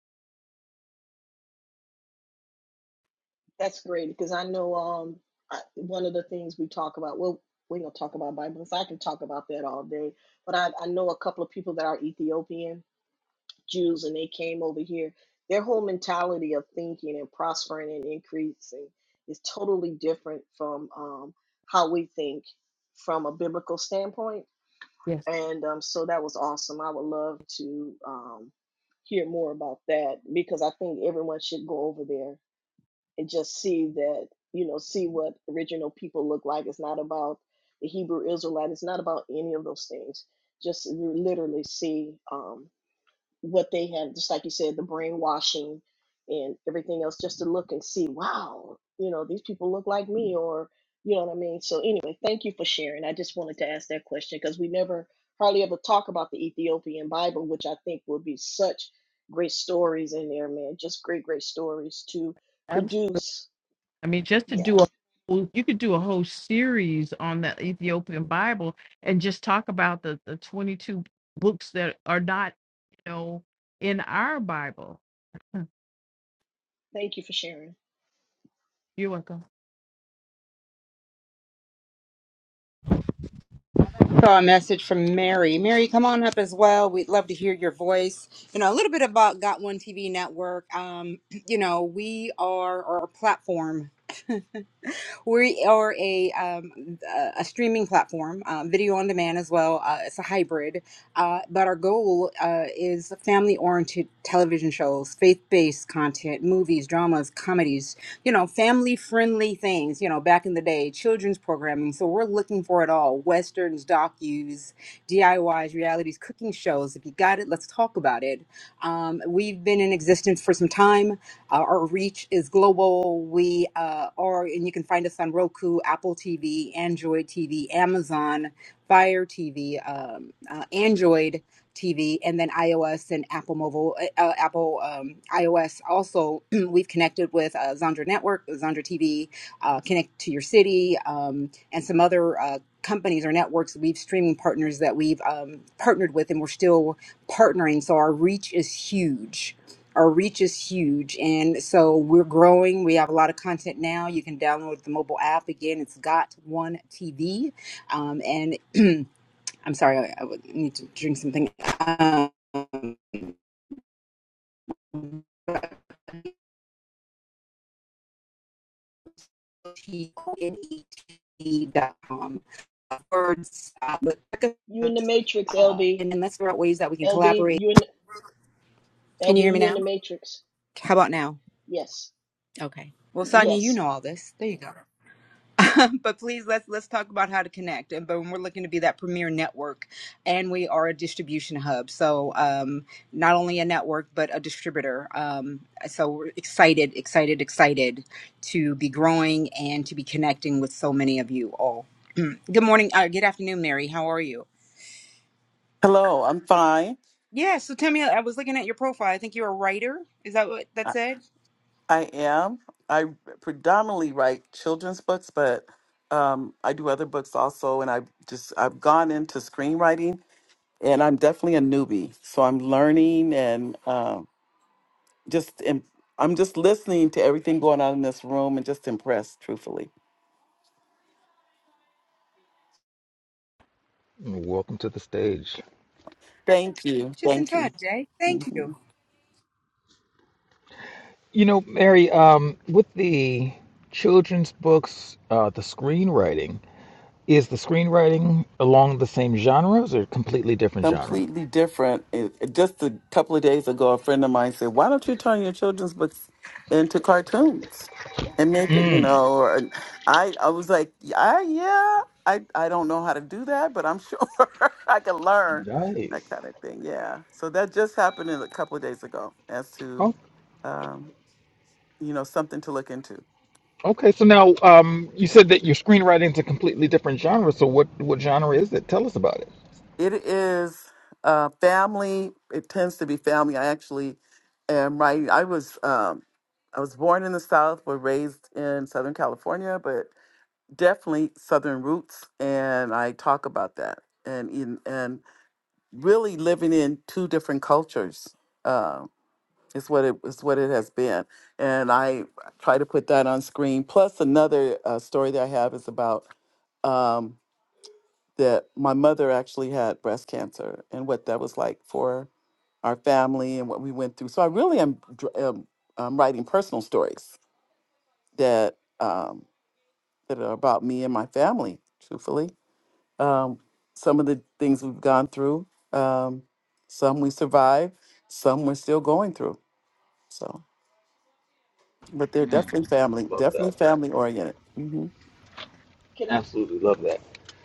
That's great because I know um I, one of the things we talk about. Well, we don't talk about Bibles. I can talk about that all day, but I, I know a couple of people that are Ethiopian Jews, and they came over here. Their whole mentality of thinking and prospering and increasing is totally different from um, how we think from a biblical standpoint.
Yes,
And um, so that was awesome. I would love to um, hear more about that because I think everyone should go over there and just see that you know see what original people look like it's not about the hebrew israelite it's not about any of those things just literally see um, what they have just like you said the brainwashing and everything else just to look and see wow you know these people look like me or you know what i mean so anyway thank you for sharing i just wanted to ask that question because we never hardly ever talk about the ethiopian bible which i think will be such great stories in there man just great great stories to produce
I mean, just to
yeah.
do a whole- you could do a whole series on that Ethiopian Bible and just talk about the the 22 books that are not, you know, in our Bible. Huh,
Thank you for sharing.
You're welcome.
Saw a message from Mary. Mary, come on up as well. We'd love to hear your voice. You know, a little bit about Got One TV Network. Um, <clears throat> you know, we are our platform. we are a um, a a streaming platform, um, video on demand as well. Uh, it's a hybrid, uh, but our goal uh, is family-oriented television shows, faith-based content, movies, dramas, comedies. You know, family-friendly things. You know, back in the day, children's programming. So we're looking for it all: westerns, docus, DIYs, realities, cooking shows. If you got it, let's talk about it. Um, we've been in existence for some time uh, our reach is global. We uh, are, and you can find us on Roku, Apple TV, Android TV, Amazon, Fire TV, um, uh, Android TV, and then iOS and Apple Mobile, uh, uh, Apple um, iOS. Also, <clears throat> we've connected with uh, Zondra Network, Zondra TV, uh, Connect to Your City, um, and some other. Uh, companies or networks we've streaming partners that we've um, partnered with and we're still partnering so our reach is huge our reach is huge and so we're growing we have a lot of content now you can download the mobile app again it's got one tv um, and <clears throat> i'm sorry I, I would need to drink something um, T-O-N-E-T-V.com. words uh, but,
You in the matrix,
uh,
LB.
and then let's figure out ways that we can
LB,
collaborate
you in
can you hear
LB,
me
you in
now
the matrix.
how about now
Yes.
okay well sonia you
Yes.
know all this there you go <laughs> but please let's let's talk about how to connect and but we're looking to be that premier network and we are a distribution hub so um not only a network but a distributor um so we're excited excited excited to be growing and to be connecting with so many of you all <clears throat> good morning uh, good afternoon mary how are you
Hello, I'm fine.
yeah so tell me i was looking at your profile i think you're a writer is that what that
I,
said
I am. I predominantly write children's books, but um, I do other books also. And I just I've gone into screenwriting, and I'm definitely a newbie, so I'm learning and um, just im- I'm just listening to everything going on in this room and just impressed, truthfully.
Welcome to the stage.
Thank you,
just in
thank
time
you.
jay thank
Mm-hmm.
you
You know, Mary, um, with the children's books, uh, the screenwriting, is the screenwriting along the same genres or completely different genre?
completely different. It- it- Just a couple of days ago, a friend of mine said, "Why don't you turn your children's books into cartoons and make it?" You
Mm,
know, or, I I was like, "Yeah, "I yeah, I I don't know how to do that, but I'm sure <laughs> I can learn
nice.
that kind of thing." Yeah, so that just happened in a couple of days ago as to um, you know something to look into.
Okay, so now um, you said that your screenwriting is a completely different genre. So what what genre is it? Tell us about it.
It is uh, family. It tends to be family. I actually am right. I was um, I was born in the South, but raised in Southern California, but definitely Southern roots. And I talk about that and in, and really living in two different cultures uh, is what it is what it has been. And I try to put that on screen. Plus another uh, story that I have is about. Um, that my mother actually had breast cancer and what that was like for our family and what we went through. So I really am, dr- am um, writing personal stories that um, that are about me and my family. Truthfully, um, some of the things we've gone through, um, some we survived, some we're still going through. So, but they're definitely family,
Love
definitely
that.
family oriented. Mm-hmm.
Can I
Absolutely love that.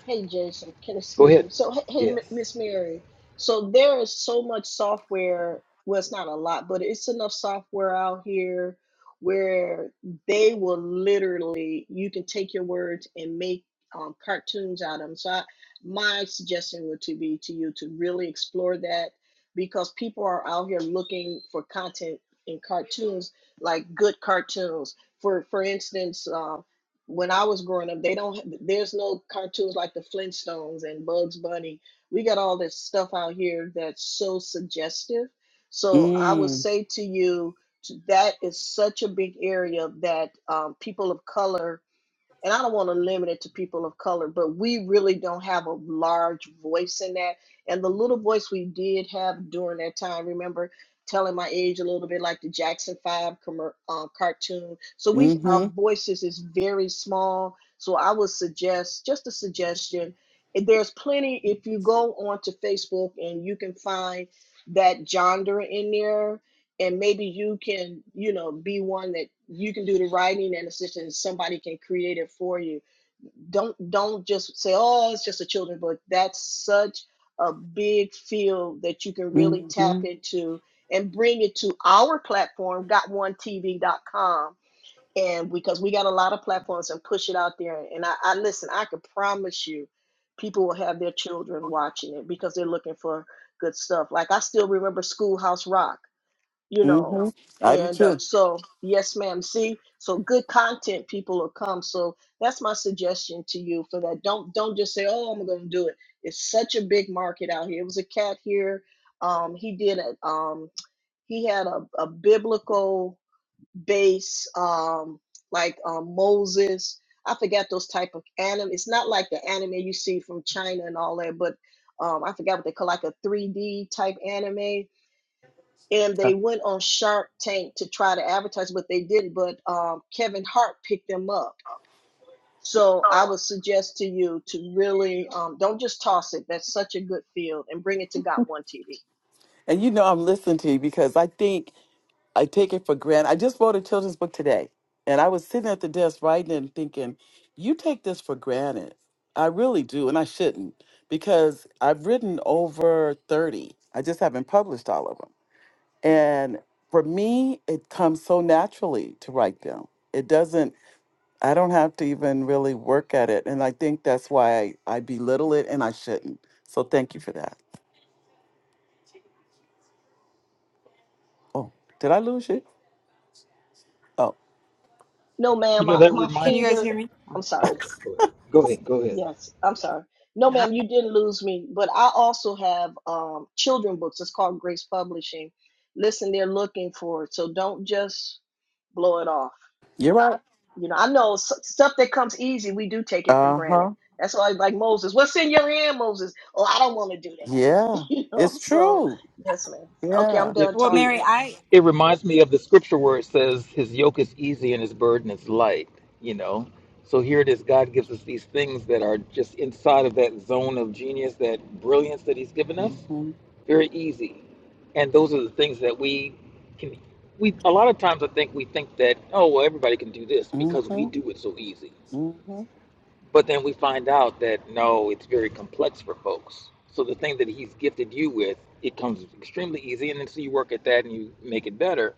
Hey, Jason, can
Go
excuse
ahead.
me. So, hey, hey, M-
Yes.
Miss Mary. So there is so much software. Well, it's not a lot, but it's enough software out here where they will literally you can take your words and make um, cartoons out of them. So, I, my suggestion would to be to you to really explore that because people are out here looking for content in cartoons, like good cartoons. For for instance. um, when I was growing up, they don't. There's no cartoons like the Flintstones and Bugs Bunny. We got all this stuff out here that's so suggestive. So I would
Mm,
say to you t- that is such a big area that um, people of color and I don't want to limit it to people of color, but we really don't have a large voice in that. And the little voice we did have during that time, remember telling my age a little bit like the Jackson 5 commer um, cartoon. So we
mm-hmm.
our voices is very small. So I would suggest just a suggestion. if There's plenty if you go onto Facebook and you can find that genre in there and maybe you can you know be one that you can do the writing and assistance somebody can create it for you don't don't just say oh it's just a children's book that's such a big field that you can really tap
Mm-hmm.
into and bring it to our platform got1tv.com and because we got a lot of platforms and push it out there and i, I listen i can promise you people will have their children watching it because they're looking for good stuff like i still remember schoolhouse rock you know
Mm-hmm. I do
and um,
too.
so yes ma'am see so good content people will come so that's my suggestion to you for that don't don't just say oh i'm gonna do it it's such a big market out here it was a cat here um he did it um he had a, a biblical base um like um moses i forgot those type of anime it's not like the anime you see from china and all that but um i forgot what they call like a 3d type anime and they went on Shark Tank to try to advertise, but they didn't. But um, Kevin Hart picked them up. So I would suggest to you to really um, don't just toss it. That's such a good field, and bring it to Got One TV.
And you know, I'm listening to you because I think I take it for granted. I just wrote a children's book today, and I was sitting at the desk writing and thinking, you take this for granted. I really do, and I shouldn't because I've written over 30. I just haven't published all of them. And for me, it comes so naturally to write them. It doesn't, I don't have to even really work at it. And I think that's why I, I belittle it and I shouldn't. So thank you for that. Oh, did I lose you? Oh,
No,
You
ma'am,
know
I,
that
my
can
reminds
you guys hear
finger.
me
I'm
Oh,
sorry.
go ahead. Go ahead.
Yes, I'm sorry. No, ma'am, you didn't lose me. But I also have um, children books. It's called Grace Publishing. Listen, they're looking for it, so don't just blow it off.
you're right.
You know, I know s- stuff that comes easy, we do take it for
Uh
granted.
huh.
That's why, like Moses, what's in your hand, Moses? Oh, I don't want to do that. <laughs>
Yeah,
You know,
it's
so
true.
yes, ma'am. Okay, I'm
Yeah.
it
done
well
it,
mary
talking.
i
it reminds me of the scripture where it says his yoke is easy and his burden is light. You know, so here it is. God gives us these things that are just inside of that zone of genius, that brilliance that He's given us.
Mm-hmm.
very easy. And those are the things that we can. We a lot of times I think we think that oh well everybody can do this because we
Mm-hmm.
do it so easy.
Mm-hmm.
But then we find out that no, it's very complex for folks. So the thing that he's gifted you with, it comes extremely easy, and then so you work at that and you make it better.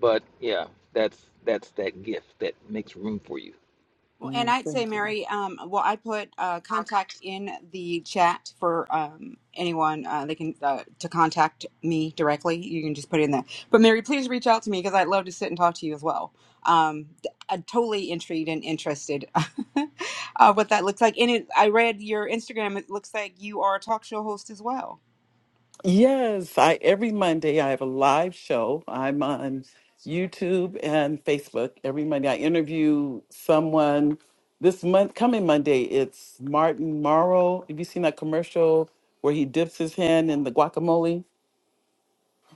But yeah, that's that's that gift that makes room for you.
Well, and
Mm,
I'd say,
thank you.
Mary, um, well, I put uh, contact in the chat for um, anyone uh, they can uh, to contact me directly. You can just put it in there. But Mary, please reach out to me because I'd love to sit and talk to you as well. Um, d- I'm totally intrigued and interested <laughs> uh, what that looks like. And it, I read your Instagram. It looks like you are a talk show host as well.
Yes, I every Monday I have a live show. I'm on YouTube and Facebook every Monday. I interview someone. This month, coming Monday, it's Martin Morrow. Have you seen that commercial where he dips his hand in the guacamole?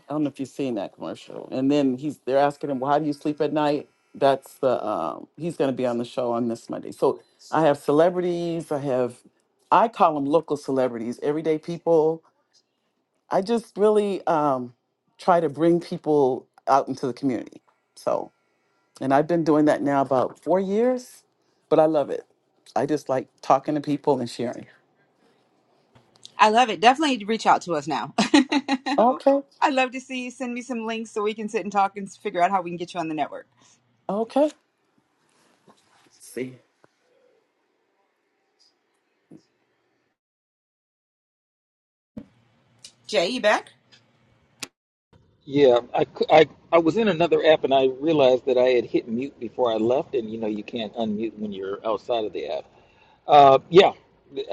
I don't know if you've seen that commercial. And then he's they're asking him, "Well, how do you sleep at night?" That's the um, he's going to be on the show on this Monday. So I have celebrities. I have I call them local celebrities, everyday people. I just really um, try to bring people out into the community. So and I've been doing that now about four years, but I love it. I just like talking to people and sharing.
I love it. Definitely reach out to us now. <laughs>
Okay,
I'd love to see you. Send me some links so we can sit and talk and figure out how we can get you on the network.
okay. See,
Jay, you back?
Yeah, I, I, I was in another app and I realized that I had hit mute before I left, and you know you can't unmute when you're outside of the app. Uh, yeah,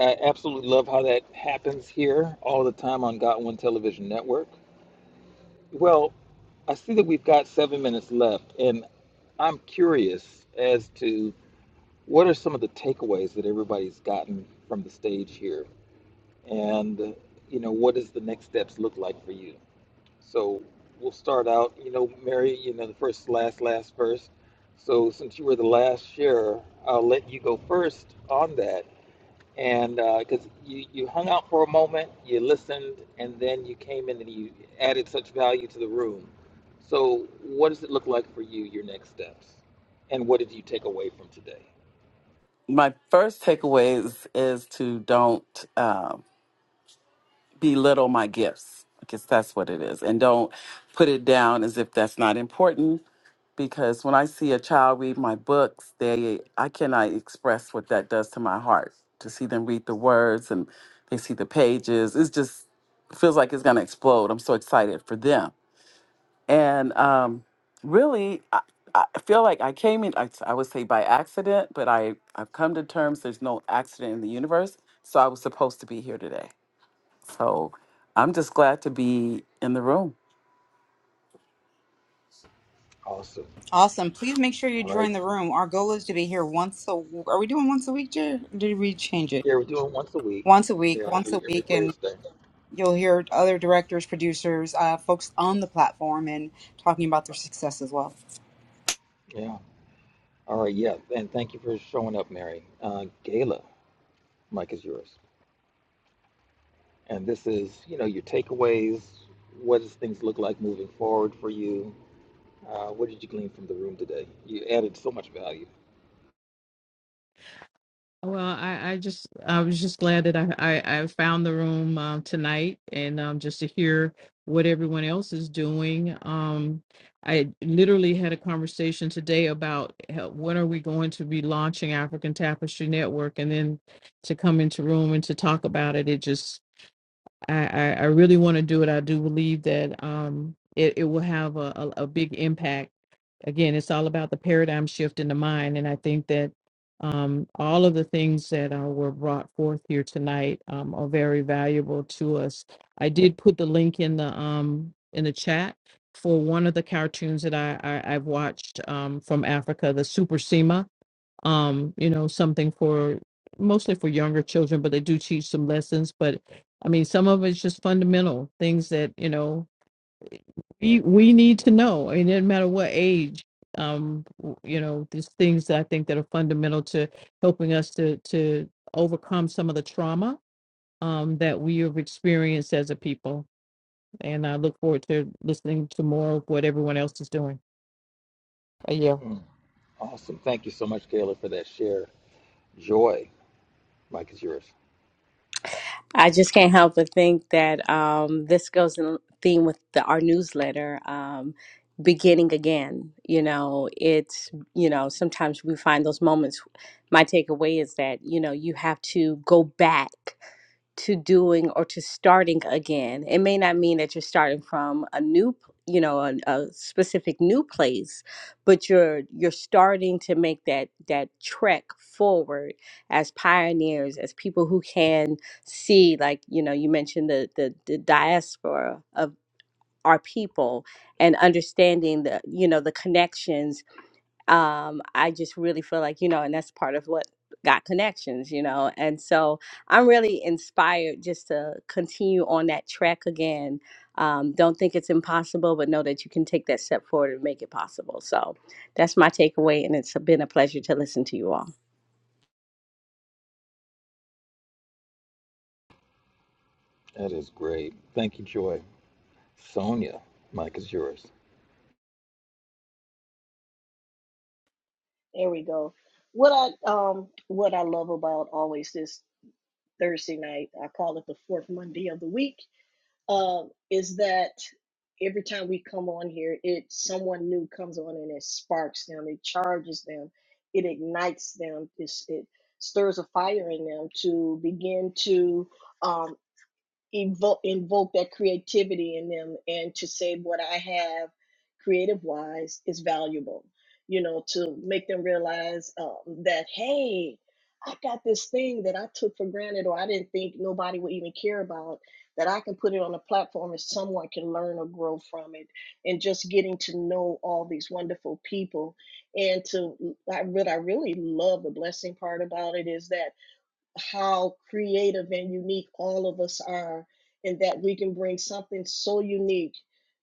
I absolutely love how that happens here all the time on Got One Television Network. Well, I see that we've got seven minutes left, and I'm curious as to what are some of the takeaways that everybody's gotten from the stage here, and uh, you know what does the next steps look like for you? So we'll start out, you know, Mary, you know, the first, last, last, first. So since you were the last share, I'll let you go first on that and because you you hung out for a moment, you listened, and then you came in and you added such value to the room. So, what does it look like for you? Your next steps, and what did you take away from today?
my first takeaway is, is to don't. Um, belittle my gifts. I guess that's what it is. And don't put it down as if that's not important because when I see a child read my books, they I cannot express what that does to my heart. To see them read the words and they see the pages, it's just it feels like it's going to explode. I'm so excited for them. And um really I, I feel like I came in I, I would say by accident, but I I've come to terms there's no accident in the universe, so I was supposed to be here today. So I'm just glad to be in the room.
Awesome.
Awesome. Please make sure you
All right.
join the room. Our goal is to be here once a Are we doing once a week, Jared? Or Did we change it?
Yeah, we're doing once a week.
Once a week,
Yeah,
once
every,
a
every
week, and
Thursday.
you'll hear other directors, producers, uh, folks on the platform and talking about their success as well.
Yeah. All right. Yeah. And thank you for showing up, Mary. Uh, Gayla, Mike is yours. And this is, you know, your takeaways. What does things look like moving forward for you? Uh, what did you glean from the room today? You added so much value.
Well, I, I just I was just glad that I I, I found the room um, tonight and um, just to hear what everyone else is doing. Um, I literally had a conversation today about how, when are we going to be launching African Tapestry Network, and then to come into room and to talk about it, it just I, I, I really want to do it. I do believe that um, it, it will have a, a, a big impact. Again, it's all about the paradigm shift in the mind. And I think that um, all of the things that uh, were brought forth here tonight um, are very valuable to us. I did put the link in the um, in the chat for one of the cartoons that I, I, I've watched um, from Africa, the Super Sema um, you know, something for mostly for younger children, but they do teach some lessons. But I mean, some of it's just fundamental things that, you know, we, we need to know. I mean, it doesn't matter what age, um, w- you know, these things that I think that are fundamental to helping us to, to overcome some of the trauma um, that we have experienced as a people. And I look forward to listening to more of what everyone else is doing. Uh, Yeah.
Mm. Awesome. Thank you so much, Kayla, for that share. Joy, Mike is yours.
I just can't help but think that um, this goes in theme with the, our newsletter, um, beginning again. You know, it's, you know, sometimes we find those moments. My takeaway is that, you know, you have to go back to doing or to starting again. It may not mean that you're starting from a new, you know, a, a specific new place, but you're you're starting to make that that trek forward as pioneers, as people who can see, like you know, you mentioned the the, the diaspora of our people and understanding the you know the connections um, I just really feel like, you know, and that's part of what got connections, you know. And so I'm really inspired just to continue on that track again. Um, don't think it's impossible, but know that you can take that step forward and make it possible. So, that's my takeaway, and it's been a pleasure to listen to you all.
That is great. Thank you, Joy. Sonia, Mike is yours.
There we go. What I um what I love about always this Thursday night, I call it the fourth Monday of the week um, is that every time we come on here, it someone new comes on and it sparks them, it charges them, it ignites them, it's, it stirs a fire in them to begin to um, evoke invoke that creativity in them and to say what I have creative wise is valuable. You know, to make them realize um, that hey, I got this thing that I took for granted or I didn't think nobody would even care about that I can put it on a platform and someone can learn or grow from it and just getting to know all these wonderful people and to I, what I really love the blessing part about it is that how creative and unique all of us are, and that we can bring something so unique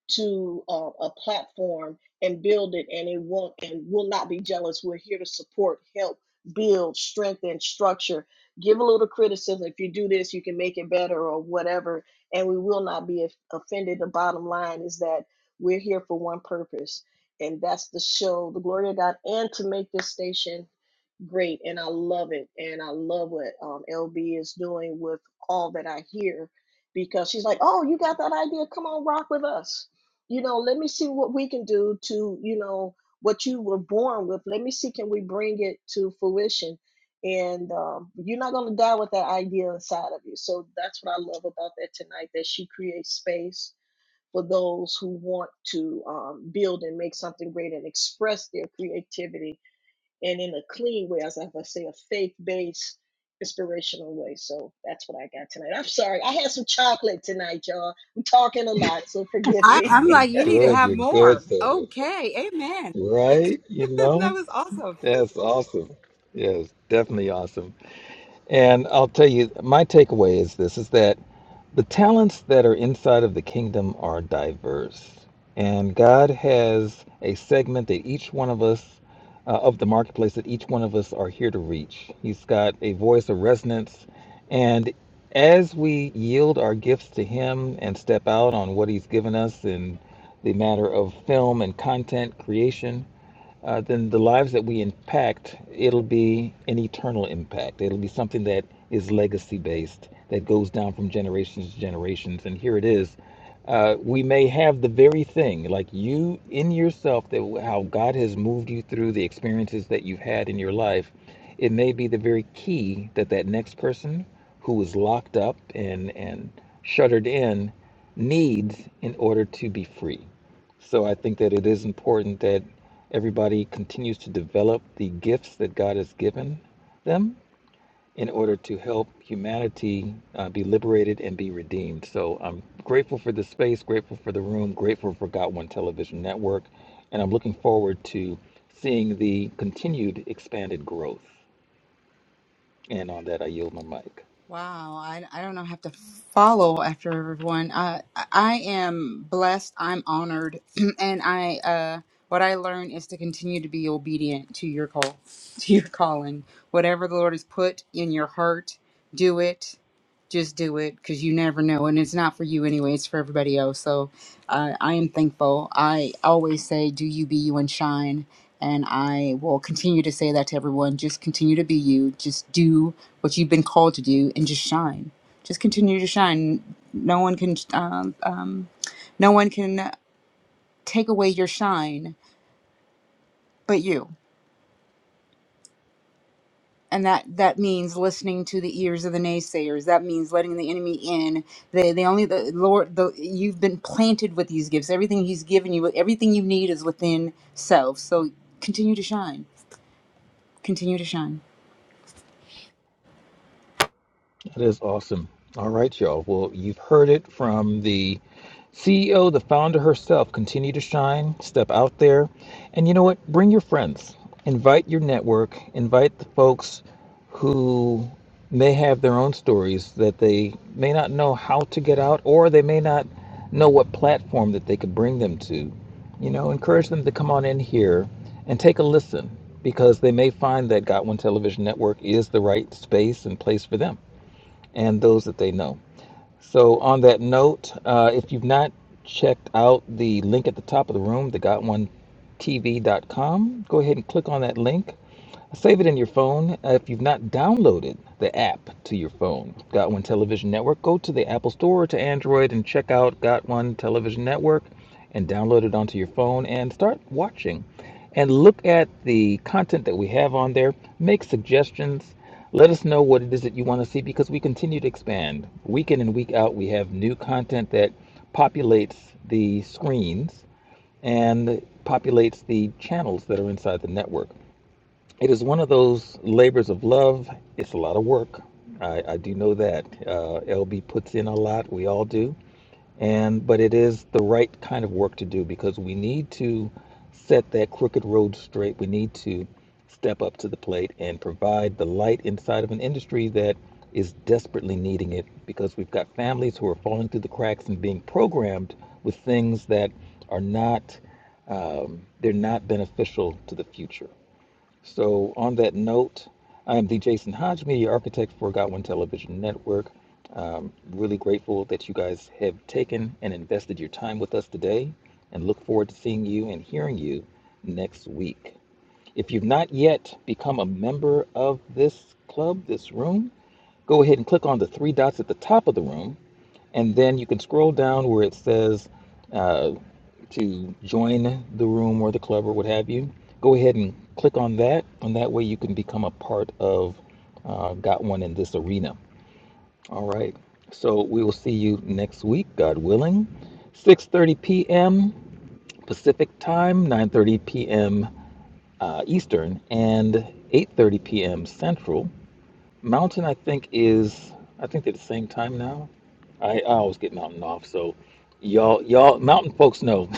to uh, a platform and build it, and it won't and will not be jealous. We're here to support, help, build, strengthen, structure. Give a little criticism. If you do this, you can make it better or whatever, and we will not be offended. The bottom line is that we're here for one purpose, and that's to show the glory of God and to make this station great and I love it. And I love what um, LB is doing with all that I hear because she's like, oh, you got that idea? Come on, rock with us. You know, let me see what we can do to, you know, what you were born with. Let me see, can we bring it to fruition? And um, you're not going to die with that idea inside of you. So that's what I love about that tonight that she creates space for those who want to um, build and make something great and express their creativity and in a clean way, as I would say, a faith based, inspirational way. So that's what I got tonight. I'm sorry. I had some chocolate tonight, y'all. I'm talking a lot, so forgive
I,
me.
I'm
You're
like, you need to
good.
have
You're good,
more.
Sonia.
Okay. Amen. <laughs>
Right? You
That
know?
was awesome.
That's awesome. Yes, definitely awesome. And I'll tell you, my takeaway is this is that The talents that are inside of the kingdom are diverse, and God has a segment that each one of us uh, of the marketplace that each one of us are here to reach. He's got a voice of resonance, and as we yield our gifts to Him and step out on what He's given us in the matter of film and content creation, uh, then the lives that we impact, it'll be an eternal impact. It'll be something that is legacy based, that goes down from generations to generations. And here it is. Uh, we may have the very thing, like you in yourself, that how God has moved you through the experiences that you've had in your life. It may be the very key that that next person who was locked up and, and shuttered in needs in order to be free. So I think that it is important that everybody continues to develop the gifts that God has given them in order to help humanity uh, be liberated and be redeemed. So I'm grateful for the space, grateful for the room, grateful for Got One Television Network, and I'm looking forward to seeing the continued expanded growth. And on that, I yield my mic.
Wow, I, I don't know, have to follow after everyone. Uh, I I am blessed, I'm honored, <clears throat> and I uh, what I learned is to continue to be obedient to your call, <laughs> to your calling. Whatever the Lord has put in your heart, do it. Just do it because you never know, and it's not for you anyway; it's for everybody else. So, uh, I am thankful. I always say, "Do you be you and shine," and I will continue to say that to everyone. Just continue to be you. Just do what you've been called to do and just shine just continue to shine no one can um, um, no one can take away your shine but you and that that means listening to the ears of the naysayers that means letting the enemy in they, they only the lord the, you've been planted with these gifts everything he's given you everything you need is within self so continue to shine continue to shine
That is awesome. All right, y'all. Well, you've heard it from the CEO, the founder herself. Continue to shine, step out there. And you know what? Bring your friends, invite your network, invite the folks who may have their own stories that they may not know how to get out or they may not know what platform that they could bring them to. You know, encourage them to come on in here and take a listen because they may find that Got One Television Network is the right space and place for them and those that they know. So, on that note, uh, if you've not checked out the link at the top of the room, the got1tv.com, go ahead and click on that link. Save it in your phone. Uh, If you've not downloaded the app to your phone, Got One Television Network, go to the Apple Store or to Android and check out Got One Television Network and download it onto your phone and start watching. And look at the content that we have on there. Make suggestions. Let us know what it is that you want to see because we continue to expand. Week in and week out, we have new content that populates the screens and populates the channels that are inside the network. It is one of those labors of love. It's a lot of work. I, I do know that. Uh, LB puts in a lot. We all do. And but it is the right kind of work to do because we need to set that crooked road straight. We need to step up to the plate and provide the light inside of an industry that is desperately needing it because we've got families who are falling through the cracks and being programmed with things that are not um, they're not beneficial to the future. So, on that note, I am the Jason Hodge, media architect for Godwin Television Network. Um, really grateful that you guys have taken and invested your time with us today, and look forward to seeing you and hearing you next week. If you've not yet become a member of this club, this room, go ahead and click on the three dots at the top of the room, and then you can scroll down where it says uh, to join the room or the club or what have you, go ahead and click on that. And that way you can become a part of uh, Got One in this arena. All right. So we will see you next week, God willing. 6.30 p.m. Pacific time, 9.30 p.m. Uh, Eastern, and 8.30 p.m. Central. Mountain, I think, is, I think they're the same time now. I, I always get Mountain off, so y'all, y'all, Mountain folks know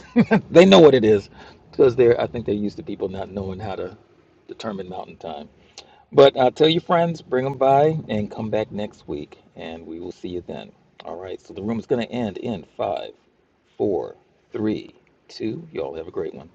they know what it is because they're, I think they're used to people not knowing how to determine mountain time. But uh, tell your friends, bring them by and come back next week, and we will see you then. All right, so the room is going to end in five, four, three, two. Y'all have a great one.